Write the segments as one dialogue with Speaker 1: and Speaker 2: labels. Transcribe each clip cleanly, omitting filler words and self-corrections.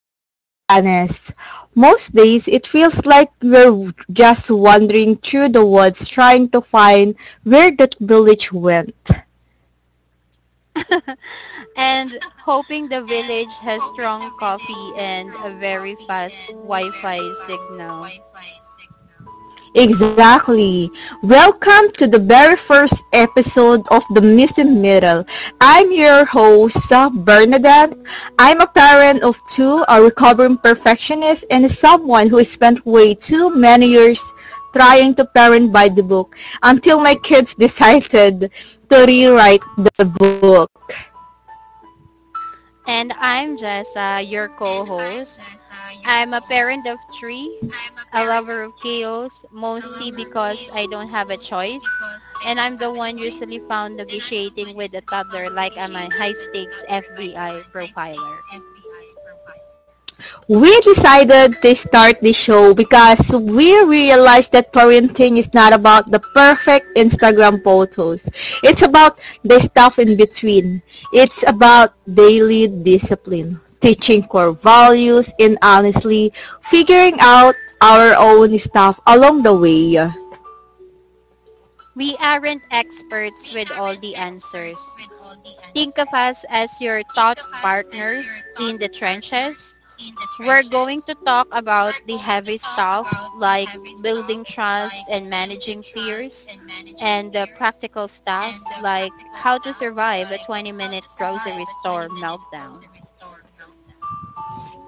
Speaker 1: But let's be honest, most days it feels like we're just wandering through the woods trying to find where that village went.
Speaker 2: And hoping the
Speaker 1: And
Speaker 2: village has
Speaker 1: hoping the
Speaker 2: strong coffee
Speaker 1: village has
Speaker 2: and a
Speaker 1: strong
Speaker 2: very
Speaker 1: coffee
Speaker 2: fast
Speaker 1: and a very
Speaker 2: Wi-Fi
Speaker 1: fast
Speaker 2: signal.
Speaker 1: Wi-Fi signal. Exactly. Welcome to the very first episode of The Missing Middle. I'm your host, Bernadette. I'm a parent of two, a recovering perfectionist, and someone who spent way too many years trying to parent by the book until my kids decided to rewrite the book.
Speaker 2: And I'm Jessa, your
Speaker 1: And I'm
Speaker 2: co-host.
Speaker 1: Jessa, your
Speaker 2: I'm a parent
Speaker 1: co-host.
Speaker 2: of three,
Speaker 1: I'm a
Speaker 2: a
Speaker 1: parent of
Speaker 2: lover of
Speaker 1: three,
Speaker 2: chaos,
Speaker 1: a
Speaker 2: mostly
Speaker 1: lover of
Speaker 2: because I
Speaker 1: chaos,
Speaker 2: don't have a
Speaker 1: mostly
Speaker 2: choice.
Speaker 1: because I
Speaker 2: And
Speaker 1: don't
Speaker 2: I'm
Speaker 1: have
Speaker 2: the
Speaker 1: a
Speaker 2: one
Speaker 1: choice.
Speaker 2: usually found
Speaker 1: And I'm the one
Speaker 2: negotiating with a
Speaker 1: usually found
Speaker 2: toddler like I'm
Speaker 1: officiating
Speaker 2: a
Speaker 1: with the
Speaker 2: high-stakes
Speaker 1: toddler like I'm a
Speaker 2: FBI profiler.
Speaker 1: high-stakes FBI profile. We decided to start this show because we realized that parenting is not about the perfect Instagram photos. It's about the stuff in between. It's about daily discipline, teaching core values, and honestly, figuring out our own stuff along the way. We aren't
Speaker 2: We aren't experts with all the
Speaker 1: experts
Speaker 2: answers.
Speaker 1: with all the
Speaker 2: Think of
Speaker 1: answers.
Speaker 2: us as your thought
Speaker 1: Think of us as your
Speaker 2: partners
Speaker 1: thought
Speaker 2: in the
Speaker 1: partners
Speaker 2: trenches.
Speaker 1: in the
Speaker 2: We're
Speaker 1: trenches.
Speaker 2: going to talk about
Speaker 1: We're
Speaker 2: the
Speaker 1: going to
Speaker 2: heavy
Speaker 1: talk
Speaker 2: stuff
Speaker 1: about the
Speaker 2: like
Speaker 1: heavy stuff
Speaker 2: building
Speaker 1: like
Speaker 2: trust and
Speaker 1: building
Speaker 2: managing
Speaker 1: trust
Speaker 2: fears,
Speaker 1: and managing
Speaker 2: and the
Speaker 1: fears
Speaker 2: practical
Speaker 1: and
Speaker 2: stuff
Speaker 1: the
Speaker 2: like
Speaker 1: practical
Speaker 2: how to
Speaker 1: stuff
Speaker 2: survive a
Speaker 1: like how
Speaker 2: 20-minute
Speaker 1: to survive
Speaker 2: grocery
Speaker 1: a
Speaker 2: store
Speaker 1: 20-minute
Speaker 2: meltdown.
Speaker 1: grocery store.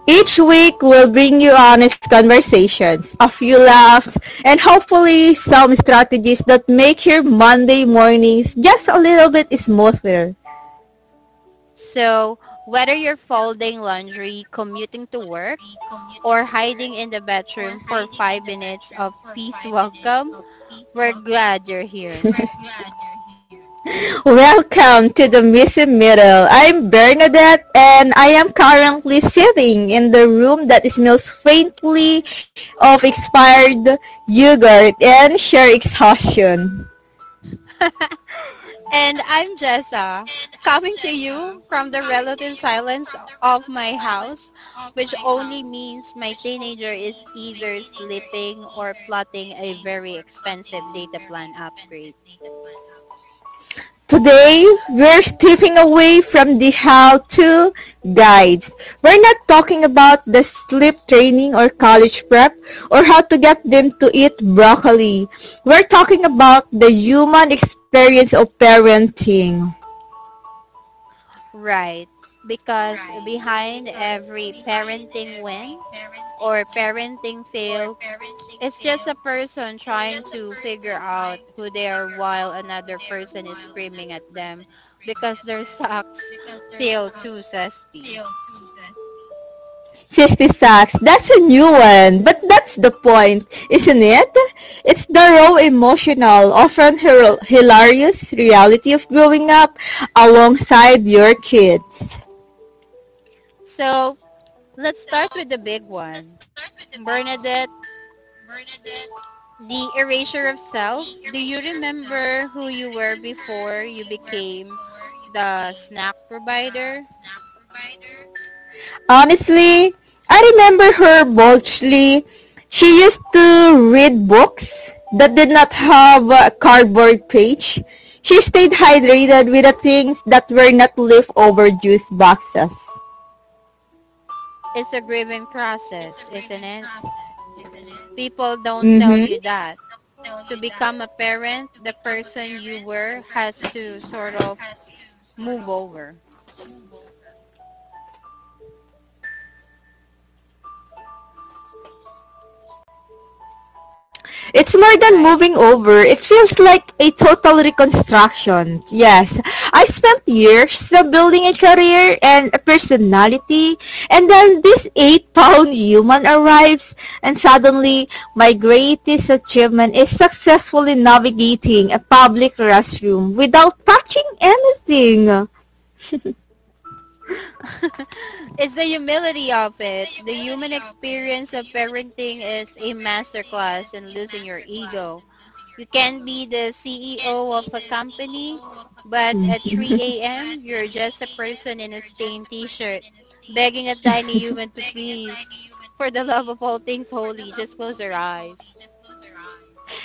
Speaker 1: Each week, we'll bring you honest conversations, a few laughs, and hopefully some strategies that make your Monday mornings just a little bit smoother.
Speaker 2: So whether you're folding laundry, commuting to work, or hiding in the bedroom for 5 minutes of peace, welcome, we're glad you're here.
Speaker 1: Welcome to the Missing Middle. I'm Bernadette and I am currently sitting in the room that smells faintly of expired yogurt and sheer exhaustion.
Speaker 2: And I'm Jessa, coming to you from the relative silence of my house, which only means my teenager is either sleeping or plotting a very expensive data plan upgrade.
Speaker 1: Today, we're stepping away from the how-to guides. We're not talking about the sleep training or college prep or how to get them to eat broccoli. We're talking about the human experience of parenting.
Speaker 2: Right, because behind every parenting win or parenting fail, it's just a person trying to figure out who they are while another person is screaming at them because their socks feel too zesty.
Speaker 1: CO2. 60. That's a new one, but that's the point, isn't it? It's the raw emotional, often hilarious reality of growing up alongside your kids.
Speaker 2: So let's start with the big one. Bernadette, the erasure of self. Do you remember who you were before you became the snack provider?
Speaker 1: Honestly, I remember her boldly. She used to read books that did not have a cardboard page. She stayed hydrated with the things that were not leftover juice boxes.
Speaker 2: It's a grieving process, isn't it? People don't tell
Speaker 1: Mm-hmm.
Speaker 2: you that to become a parent, the person you were has to sort of move over,
Speaker 1: It's more than
Speaker 2: right?
Speaker 1: moving over. It feels like a total reconstruction. Yes, I spent years building a career and a personality, and then this 8-pound human arrives, and suddenly my greatest achievement is successfully navigating a public restroom without touching anything. You
Speaker 2: It's the humility of it. The human experience of parenting is a masterclass in losing your ego. You can be the CEO of a company, but at 3 a.m., you're just a person in a stained t-shirt begging a tiny human to please, for the love of all things holy, just close your eyes.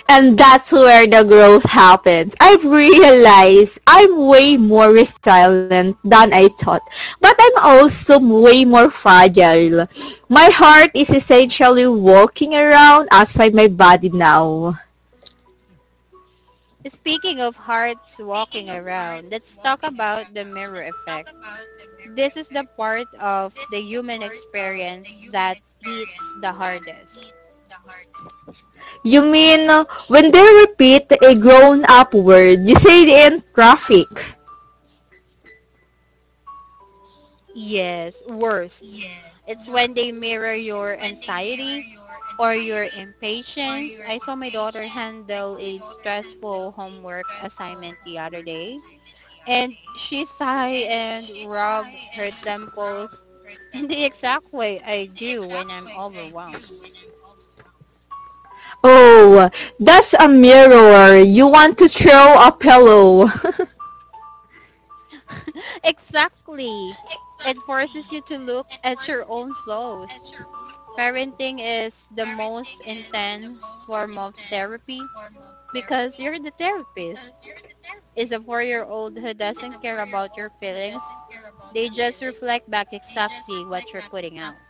Speaker 1: and that's where the growth happens. I've realized I'm way more resilient than I thought. But I'm also way more fragile. My heart is essentially walking around outside my body now.
Speaker 2: Speaking of hearts walking around, let's talk about the mirror effect. This is the part of the human experience that hits the hardest.
Speaker 1: You mean, when they repeat a grown-up word, you say it in traffic.
Speaker 2: Yes, worst. It's when they mirror your anxiety or your impatience. I saw my daughter handle a stressful homework assignment the other day, and she sighed and rubbed her temples in the exact way I do when I'm overwhelmed.
Speaker 1: Oh, that's a mirror. You want to throw a pillow.
Speaker 2: Exactly. It forces you to look at your own flaws. Parenting is the most intense form of therapy because you're the therapist. Is a four-year-old who doesn't care about your feelings. They just reflect back exactly what you're putting out.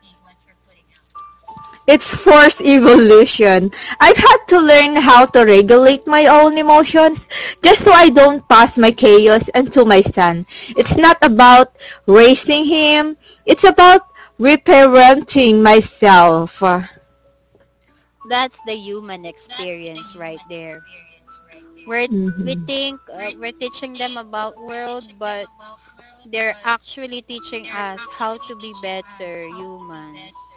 Speaker 1: It's forced evolution. I've had to learn how to regulate my own emotions just so I don't pass my chaos onto my son. It's not about raising him. It's about reparenting myself. That's
Speaker 2: That's the human experience right there. We're, we
Speaker 1: mhm.
Speaker 2: think we're teaching them about world, but they're actually teaching us how to be better humans.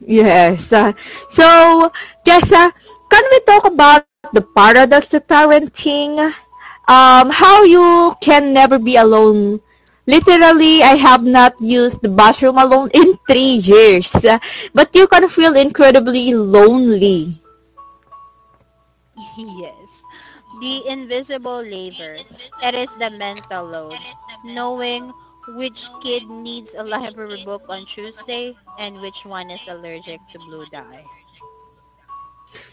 Speaker 1: Yes, so, Jessa, can we talk about the paradox of parenting? How you can never be alone. Literally, I have not used the bathroom alone in 3 years. But you can feel incredibly lonely.
Speaker 2: Yes. The invisible labor. It is the mental load. Knowing which kid needs a library book on Tuesday and which one is allergic to blue dye.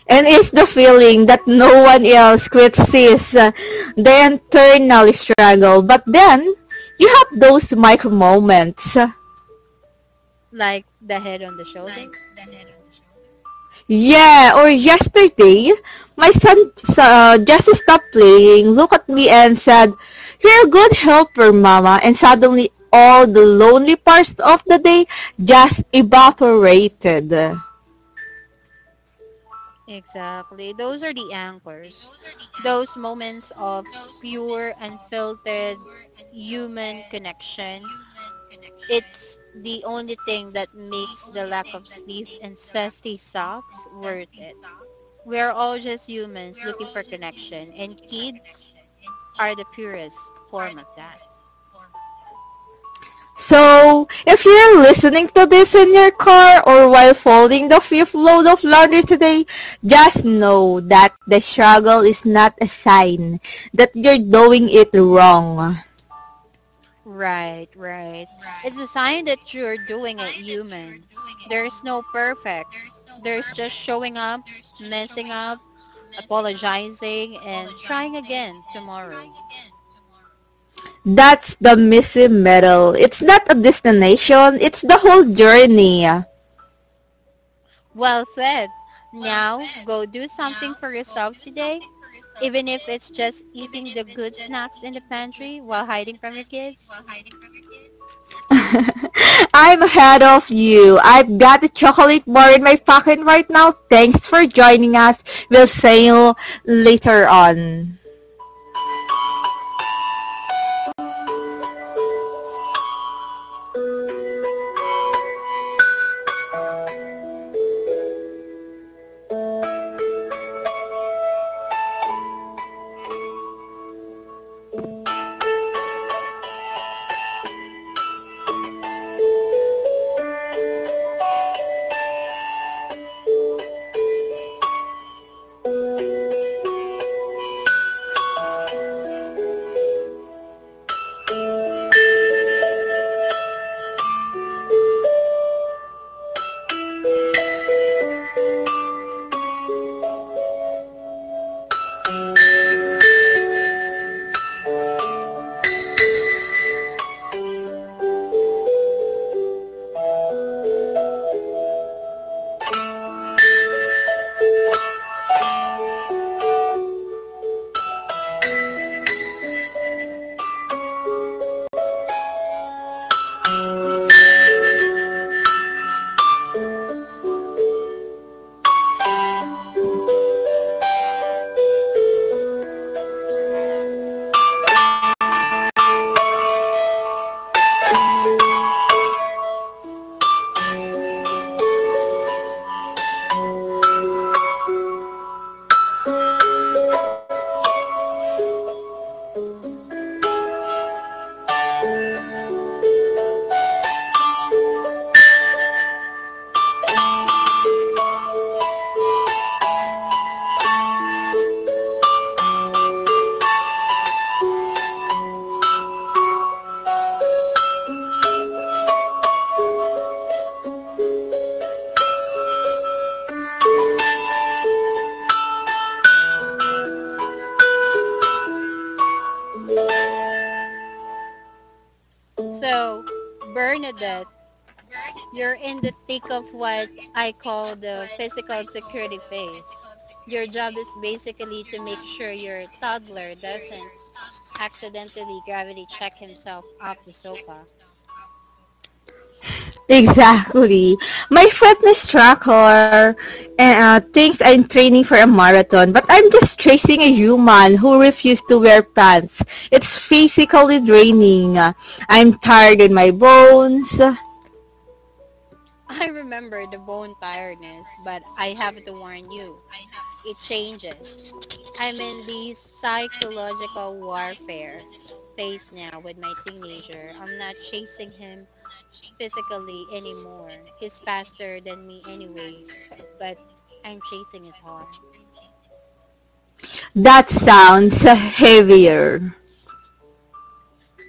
Speaker 1: And it's the feeling that no one else quite sees the internal struggle. But then, you have those micro moments.
Speaker 2: Like the head on the shoulder.
Speaker 1: Yeah, or yesterday, my son just stopped playing, looked at me and said, "You're a good helper, Mama." And suddenly, all the lonely parts of the day just evaporated.
Speaker 2: Exactly. Those are the anchors. Those moments of pure, unfiltered human connection. It's the only thing that makes the lack of sleep and sassy socks worth it. We're all just humans looking for connection, and kids are the purest form of that.
Speaker 1: So, if you're listening to this in your car or while folding the fifth load of laundry today, just know that the struggle is not a sign that you're doing it wrong.
Speaker 2: Right, right. It's a sign that you're doing it human. There's no perfect. There's just showing up, messing up, apologizing, and trying again tomorrow.
Speaker 1: That's the missing medal. It's not a destination, it's the whole journey. Now,
Speaker 2: Well said. Now, go do something for yourself today, even if it's just eating the good snacks in the pantry while hiding from your kids.
Speaker 1: kids. I'm ahead of you. I've got a chocolate bar in my pocket right now. Thanks for joining us. We'll see you later on.
Speaker 2: So, Bernadette, you're in the thick of what I call the physical security phase. Your job is basically to make sure your toddler doesn't accidentally gravity check himself off the sofa.
Speaker 1: Exactly. My fitness tracker thinks I'm training for a marathon, but I'm just chasing a human who refused to wear pants. It's physically draining. I'm tired in my bones.
Speaker 2: I remember the bone tiredness, but I have to warn you, it changes. I'm in the psychological warfare phase now with my teenager. I'm not chasing him physically anymore. He's faster than me anyway, but I'm chasing his heart.
Speaker 1: That sounds heavier.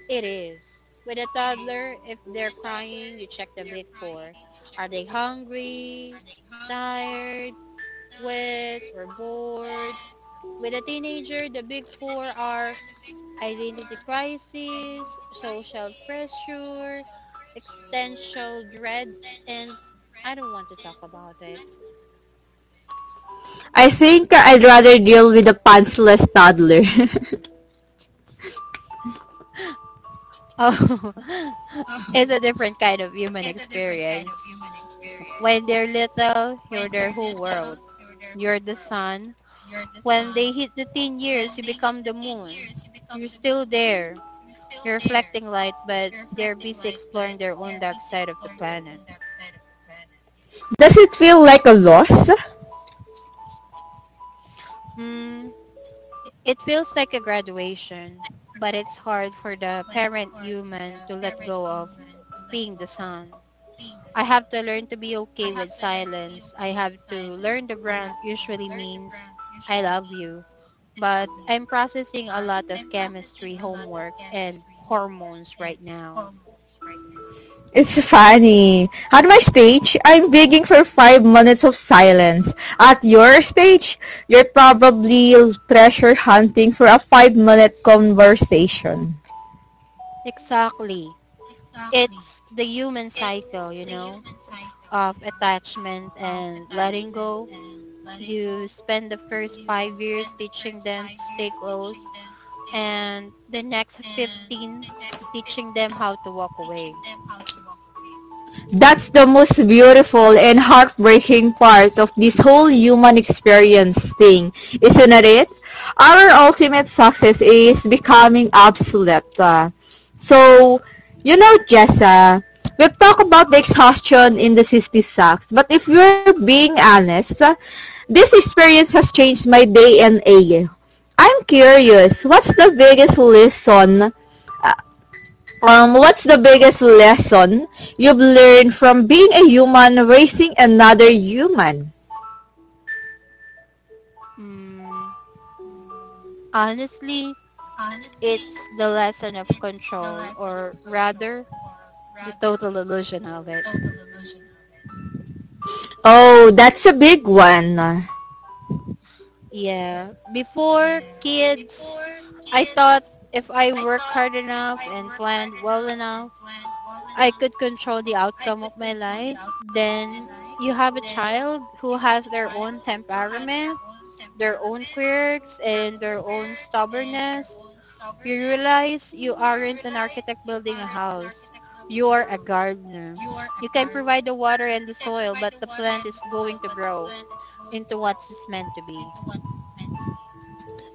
Speaker 2: It is. With a toddler, if they're crying, you check the big four. Are they hungry, tired, wet, or bored? With a teenager, the big four are identity crisis, social pressure, existential dread, and I don't want to talk about it.
Speaker 1: I think I'd rather deal with a pantsless toddler.
Speaker 2: Oh, it's a different kind of human experience. When they're little, you're their whole world. You're the sun. When they hit the teen years, you become the moon. You're still there. You're reflecting light, but they're busy exploring their own dark side of the planet.
Speaker 1: Does it feel like a loss?
Speaker 2: Hmm. It feels like a graduation, but it's hard for the parent human to let go of being the sun. I have to learn to be okay with silence. I have to learn the brand usually means I love you. But I'm processing a lot of chemistry homework and hormones right now.
Speaker 1: It's funny. On my stage, I'm begging for 5 minutes of silence. At your stage, you're probably treasure hunting for a five-minute conversation.
Speaker 2: Exactly. It's the human cycle, you know, of attachment and letting go. You spend the first 5 years teaching them to stay close and the next 15 teaching them how to walk away.
Speaker 1: That's the most beautiful and heartbreaking part of this whole human experience thing, isn't it? Our ultimate success is becoming obsolete. So, you know, Jessa, we've talked about the exhaustion in the 60 sucks, but if we're being honest, this experience has changed my DNA. I'm curious, what's the biggest lesson What's the biggest lesson you've learned from being a human raising another human?
Speaker 2: Mm, honestly, it's the lesson of control, or rather, the total illusion of it.
Speaker 1: Oh, that's a big one.
Speaker 2: Yeah. Before kids, I thought if I work hard enough and planned well enough, I could control the outcome of my life. Then you have a child who has their own temperament, their own quirks, and their own stubbornness. You realize you aren't an architect building a house. You are a gardener. You can provide the water and the soil, but the plant is going to grow into what it's meant to be.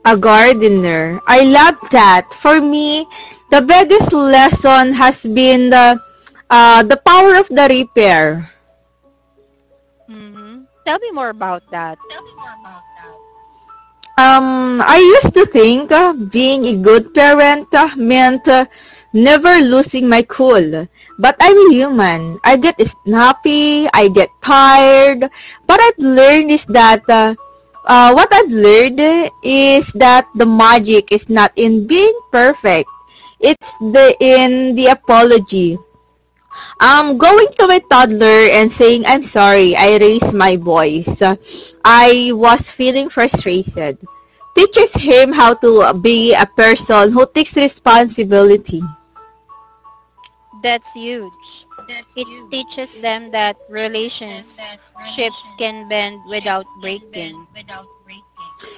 Speaker 1: A gardener. I love that. For me, the biggest lesson has been the power of the repair.
Speaker 2: Hmm, tell me more about that.
Speaker 1: I used to think being a good parent meant never losing my cool. But I'm a human. I get snappy, I get tired. But I've learned is that what I've learned is that the magic is not in being perfect. It's the in the apology. Going to my toddler and saying, "I'm sorry, I raised my voice. I was feeling frustrated." Teaches him how to be a person who takes responsibility.
Speaker 2: That's huge. It teaches them that relationships can bend without breaking.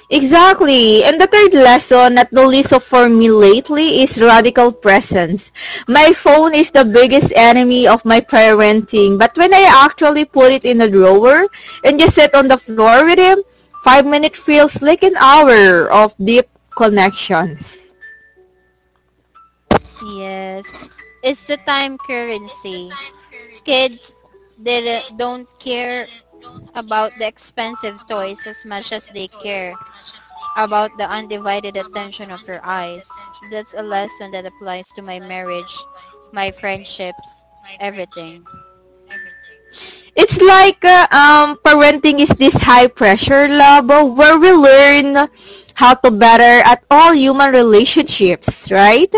Speaker 1: Exactly. And the third lesson, not the least of for me lately, is radical presence. My phone is the biggest enemy of my parenting, but when I actually put it in a drawer and just sit on the floor with him, 5 minutes feels like an hour of deep connections.
Speaker 2: Yes. It's the time currency. Kids, they don't care about the expensive toys as much as they care about the undivided attention of your eyes. That's a lesson that applies to my marriage, my friendships, everything.
Speaker 1: It's like parenting is this high pressure lab where we learn how to better at all human relationships, right?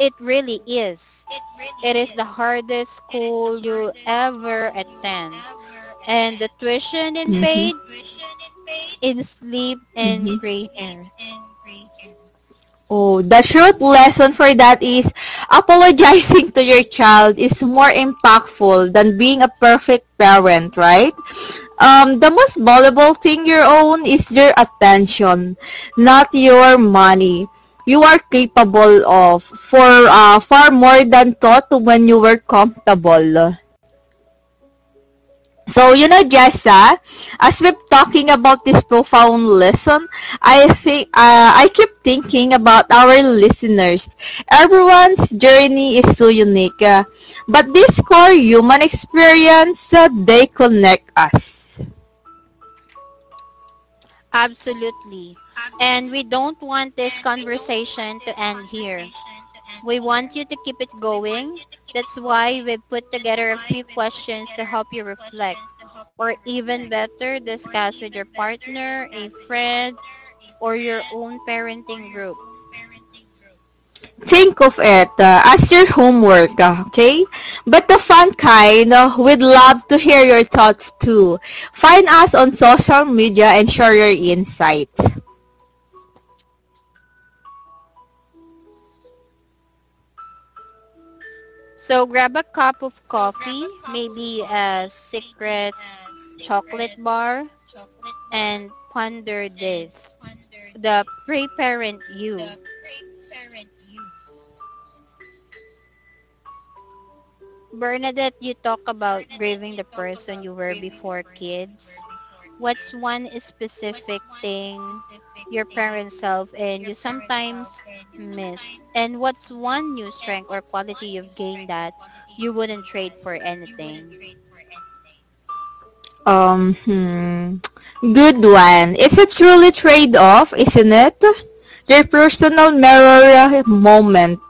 Speaker 2: It really is. It is the hardest school you ever attend. And the tuition in paid in sleep
Speaker 1: Mhm.
Speaker 2: and gray hairs.
Speaker 1: Oh, the short lesson for that is apologizing to your child is more impactful than being a perfect parent, right? The most valuable thing you own is your attention, not your money. You are capable of for far more than thought when you were comfortable. So, you know, guys ah. As we're talking about this profound lesson, I think I keep thinking about our listeners. Everyone's journey is so unique, ah, but this core human experience ah, they connect us.
Speaker 2: Absolutely. And we don't want this conversation to end here. We want you to keep it going. That's why we put together a few questions to help you reflect. Or even better, discuss with your partner, a friend, or your own parenting group.
Speaker 1: Think of it ah, as your homework, ah, okay? But the fun kind, ah, we'd love to hear your thoughts too. Find us on social media and share your insights.
Speaker 2: So grab a cup of coffee, maybe a secret chocolate bar, and ponder this. The pre-parent you. Bernadette, you talk about grieving the person you were before kids. What's one specific thing your parent self and you sometimes miss? And what's one new strength or quality you've gained that you wouldn't trade for anything?
Speaker 1: Um, hmm. Good one. It's a truly trade-off, isn't it? Their personal mirror moment.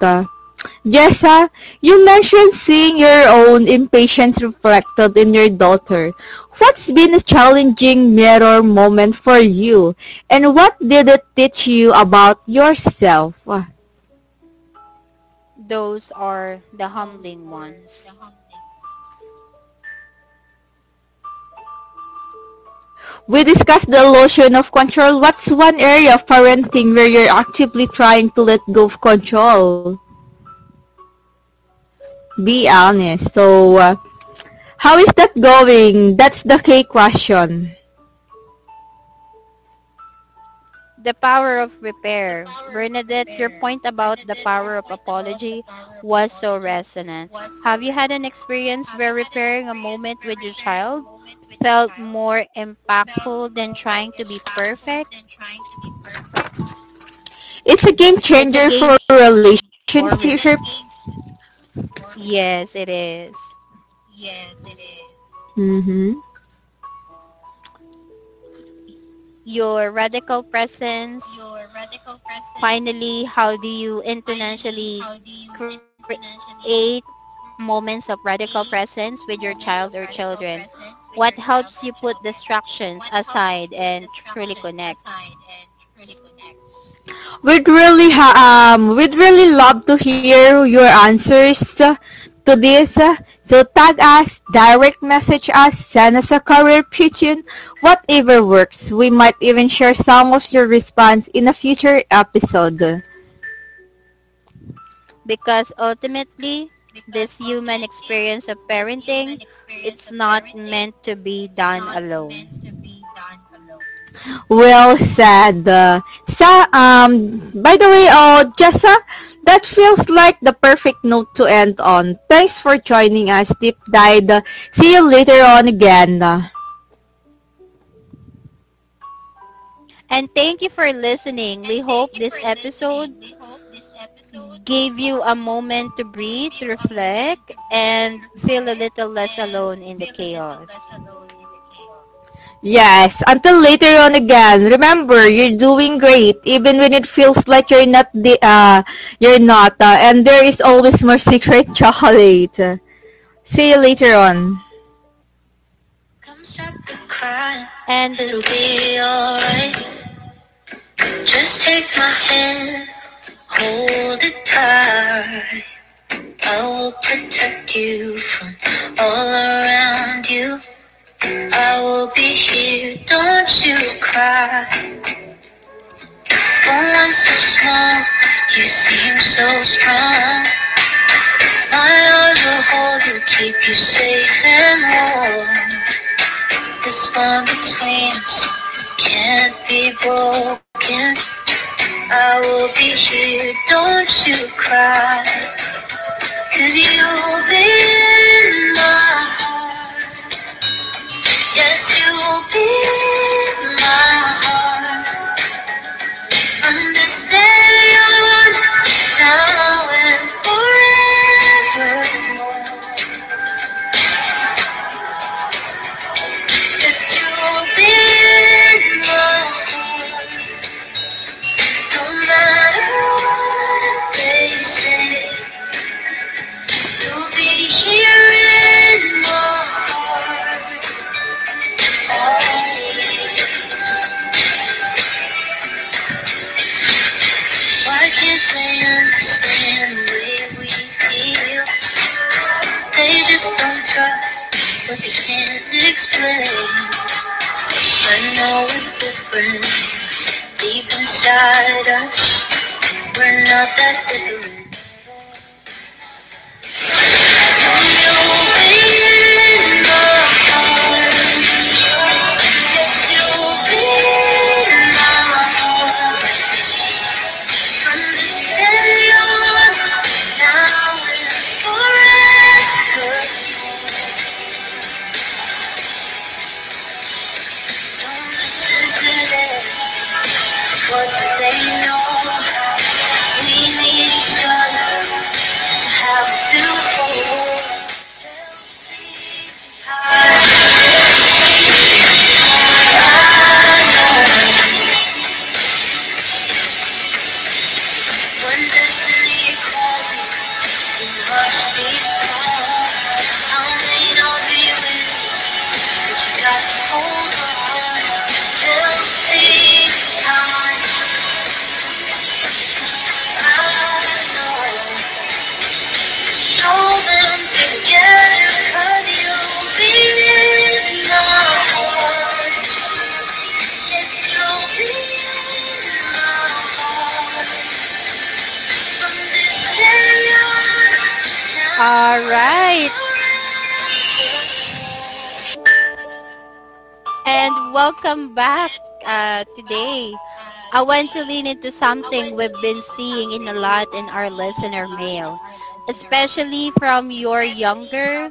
Speaker 1: Jessa, you mentioned seeing your own impatience reflected in your daughter. What's been a challenging mirror moment for you? And what did it teach you about yourself?
Speaker 2: Those are the humbling ones.
Speaker 1: We discussed the illusion of control. What's one area of parenting where you're actively trying to let go of control? Be honest. So, how is that going? That's the key question.
Speaker 2: The power of repair. Bernadette, your point about the power of apology was so resonant. Have you had an experience where repairing a moment with your child felt more impactful than trying to be perfect?
Speaker 1: It's a game
Speaker 2: It's a
Speaker 1: changer
Speaker 2: game
Speaker 1: for
Speaker 2: for
Speaker 1: relationships.
Speaker 2: yes, it is.
Speaker 1: Mm-hmm.
Speaker 2: Your radical presence. Finally, how do you intentionally create moments of radical presence with your child or children? What helps you put distractions aside and truly connect?
Speaker 1: We'd really love to hear your answers to this. So tag us, direct message us, send us a career pigeon, whatever works. We might even share some of your response in a future episode.
Speaker 2: Because ultimately, this human experience of parenting, it's not meant to be done alone.
Speaker 1: Well said. By the way, Jessa, that feels like the perfect note to end on. Thanks for joining us, Deep Dive. See you later on again.
Speaker 2: And thank you for listening. We hope this episode gave you a moment to breathe, to reflect, and feel a little less alone in the chaos.
Speaker 1: Yes, until later on again. Remember, you're doing great, even when it feels like you're not. And there is always more secret chocolate. See you later on.
Speaker 2: And
Speaker 1: You cry. Someone so small, you seem so strong. My arms will hold you, keep you safe and warm. This bond between us can't be broken. I will be here, don't you cry? You'll be in my heart. Yes, you'll be in my heart. Understand you're the one now and forevermore. Cause you'll be mine, no matter what they say. You'll be here in my heart. Why can't they understand the way we feel? They just don't trust what they can't explain. I know we're different deep inside us. We're not that different. What do they know? We need each other to have a beautiful heart. When destiny calls, we must be strong. I may not be with
Speaker 2: all right. And welcome back today. I want to lean into something we've been seeing in a lot in our listener mail, especially from your younger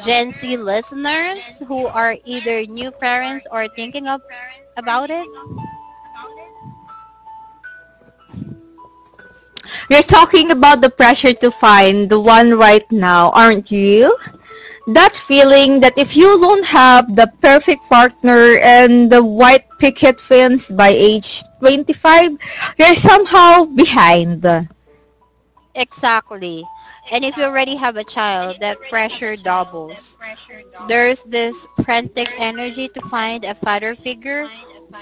Speaker 2: Gen Z listeners who are either new parents or thinking of, about it.
Speaker 1: you're talking about the pressure to find the one right now, aren't you? That feeling that if you don't have the perfect partner and the white picket fence by age 25, you're somehow behind.
Speaker 2: Exactly. And if you already have a child, that pressure doubles. There's this frantic energy to find a father figure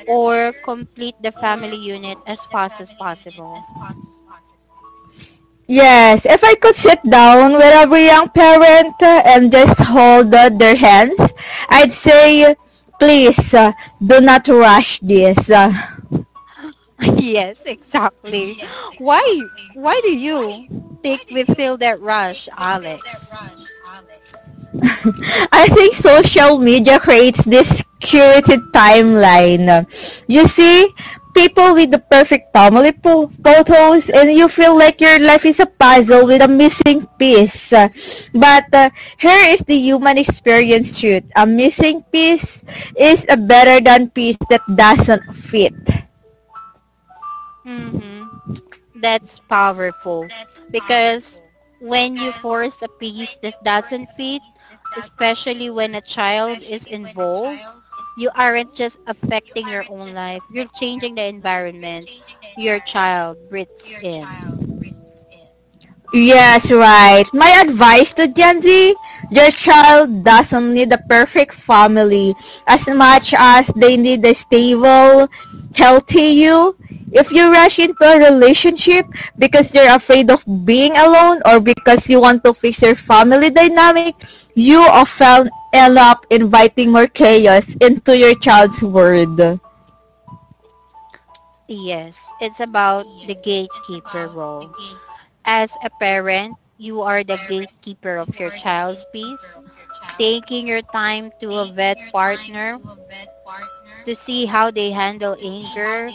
Speaker 2: or complete the family unit as fast as possible.
Speaker 1: Yes, if I could sit down with every young parent and just hold their hands, I'd say, please, do not rush this.
Speaker 2: Yes, exactly. Why do you think we feel that rush, Alex?
Speaker 1: I think social media creates this curated timeline. You see people with the perfect family photos and you feel like your life is a puzzle with a missing piece. But here is the human experience truth. A missing piece is a better than piece that doesn't fit.
Speaker 2: Mhm. That's powerful because when you force a piece that doesn't fit, especially when a child is involved, you aren't just affecting your own life. You're changing the environment
Speaker 1: Changing the
Speaker 2: your
Speaker 1: environment
Speaker 2: child breathes
Speaker 1: your
Speaker 2: in.
Speaker 1: child yes, right. My advice to Gen Z, your child doesn't need a perfect family as much as they need a stable, healthy you. If you rush into a relationship because you're afraid of being alone or because you want to fix your family dynamic, you often end up inviting more chaos into your child's world.
Speaker 2: Yes, it's about the gatekeeper role. As a parent, you are the gatekeeper of your child's peace, taking your time to a vet partner to see how they handle anger,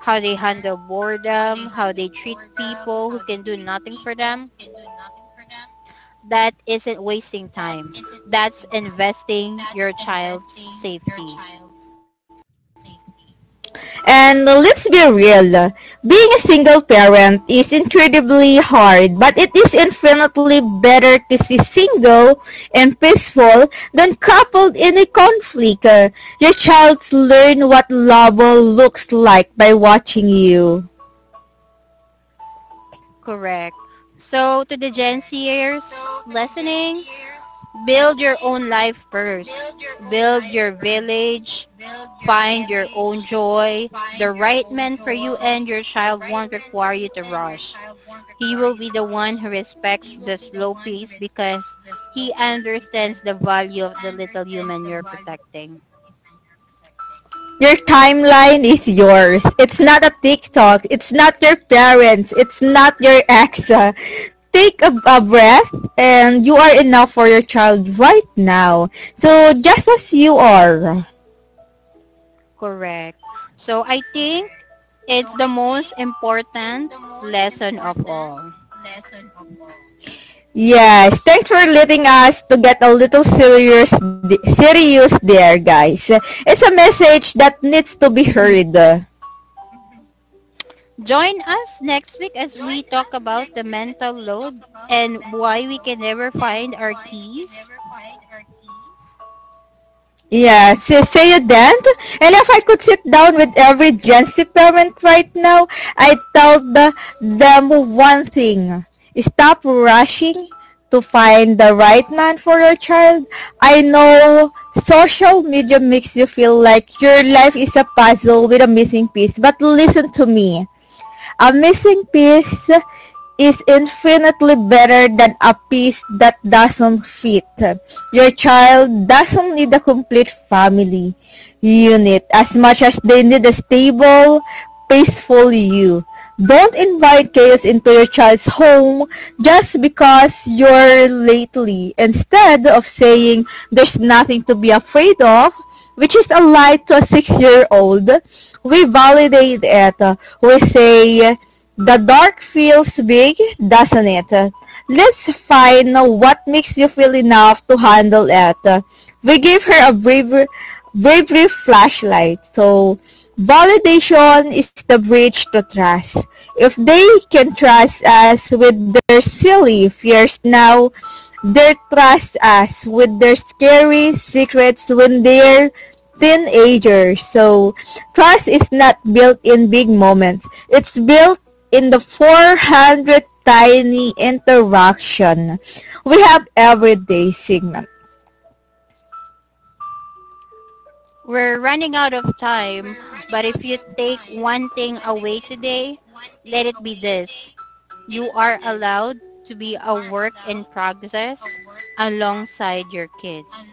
Speaker 2: how they handle boredom, how they treat people who can do nothing for them, that isn't wasting time. That's investing your child's safety.
Speaker 1: Your and let's be real, being a single parent is incredibly hard, but it is infinitely better to see single and peaceful than coupled in a conflict. Your child learn what love looks like by watching you.
Speaker 2: Correct. So to the Gen Zers listening, build your own life first. Build your village. Find your own joy. The
Speaker 1: Find
Speaker 2: right man for you and your child won't require you to
Speaker 1: man you
Speaker 2: rush. He will be the one who respects
Speaker 1: he will
Speaker 2: the
Speaker 1: be the
Speaker 2: slow pace because he
Speaker 1: slow
Speaker 2: understands the value of the little
Speaker 1: understands
Speaker 2: human
Speaker 1: the
Speaker 2: you're
Speaker 1: value
Speaker 2: protecting.
Speaker 1: your timeline is yours. It's not a TikTok. It's not your parents. It's not your ex. Take a breath and you are enough for your child right now. So just as you are.
Speaker 2: Correct. So I think it's the most important lesson of all.
Speaker 1: Yes, thanks for letting us to get a little serious serious there, guys. It's a message that needs to be
Speaker 2: Mhm.
Speaker 1: heard.
Speaker 2: Join us next week as we talk about the mental load and why we can never find our keys.
Speaker 1: Yeah, see you then. And if I could sit down with every Gen Z parent right now, I'd tell the, them one thing. Stop rushing to find the right man for your child. I know social media makes you feel like your life is a puzzle with a missing piece, but listen to me. A missing piece is infinitely better than a piece that doesn't fit. Your child doesn't need a complete family unit as much as they need a stable, peaceful you. Don't invite chaos into your child's home just because you're lately. Instead of saying there's nothing to be afraid of, which is a lie to a 6-year-old, we validate it. We say, the dark feels big, doesn't it? Let's find what makes you feel enough to handle it. We gave her bravery flashlight. So, validation is the bridge to trust. If they can trust us with their silly fears now, they trust us with their scary secrets when they're teenagers. So, trust is not built in big moments. It's built in the 400 tiny interaction we have everyday signals.
Speaker 2: We're running out of time, but if you take one thing away today, let it be this. You are allowed to be a work in progress alongside your kids.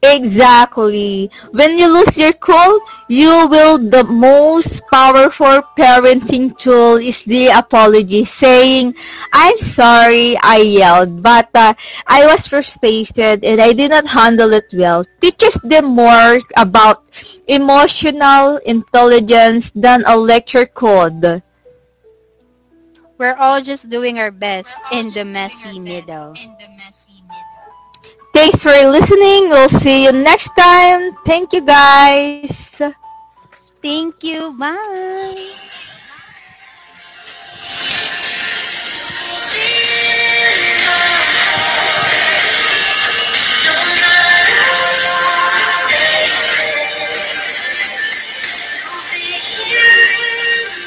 Speaker 1: Exactly. When you lose your cool, you will the most powerful parenting tool is the apology saying, "I'm sorry I yelled, but I was frustrated and I did not handle it well." Teaches them more about emotional intelligence than a lecture could.
Speaker 2: We're all just doing our best in the messy middle.
Speaker 1: Thanks for listening. We'll see you next time. Thank you guys.
Speaker 2: Thank you. Bye.
Speaker 1: Be here.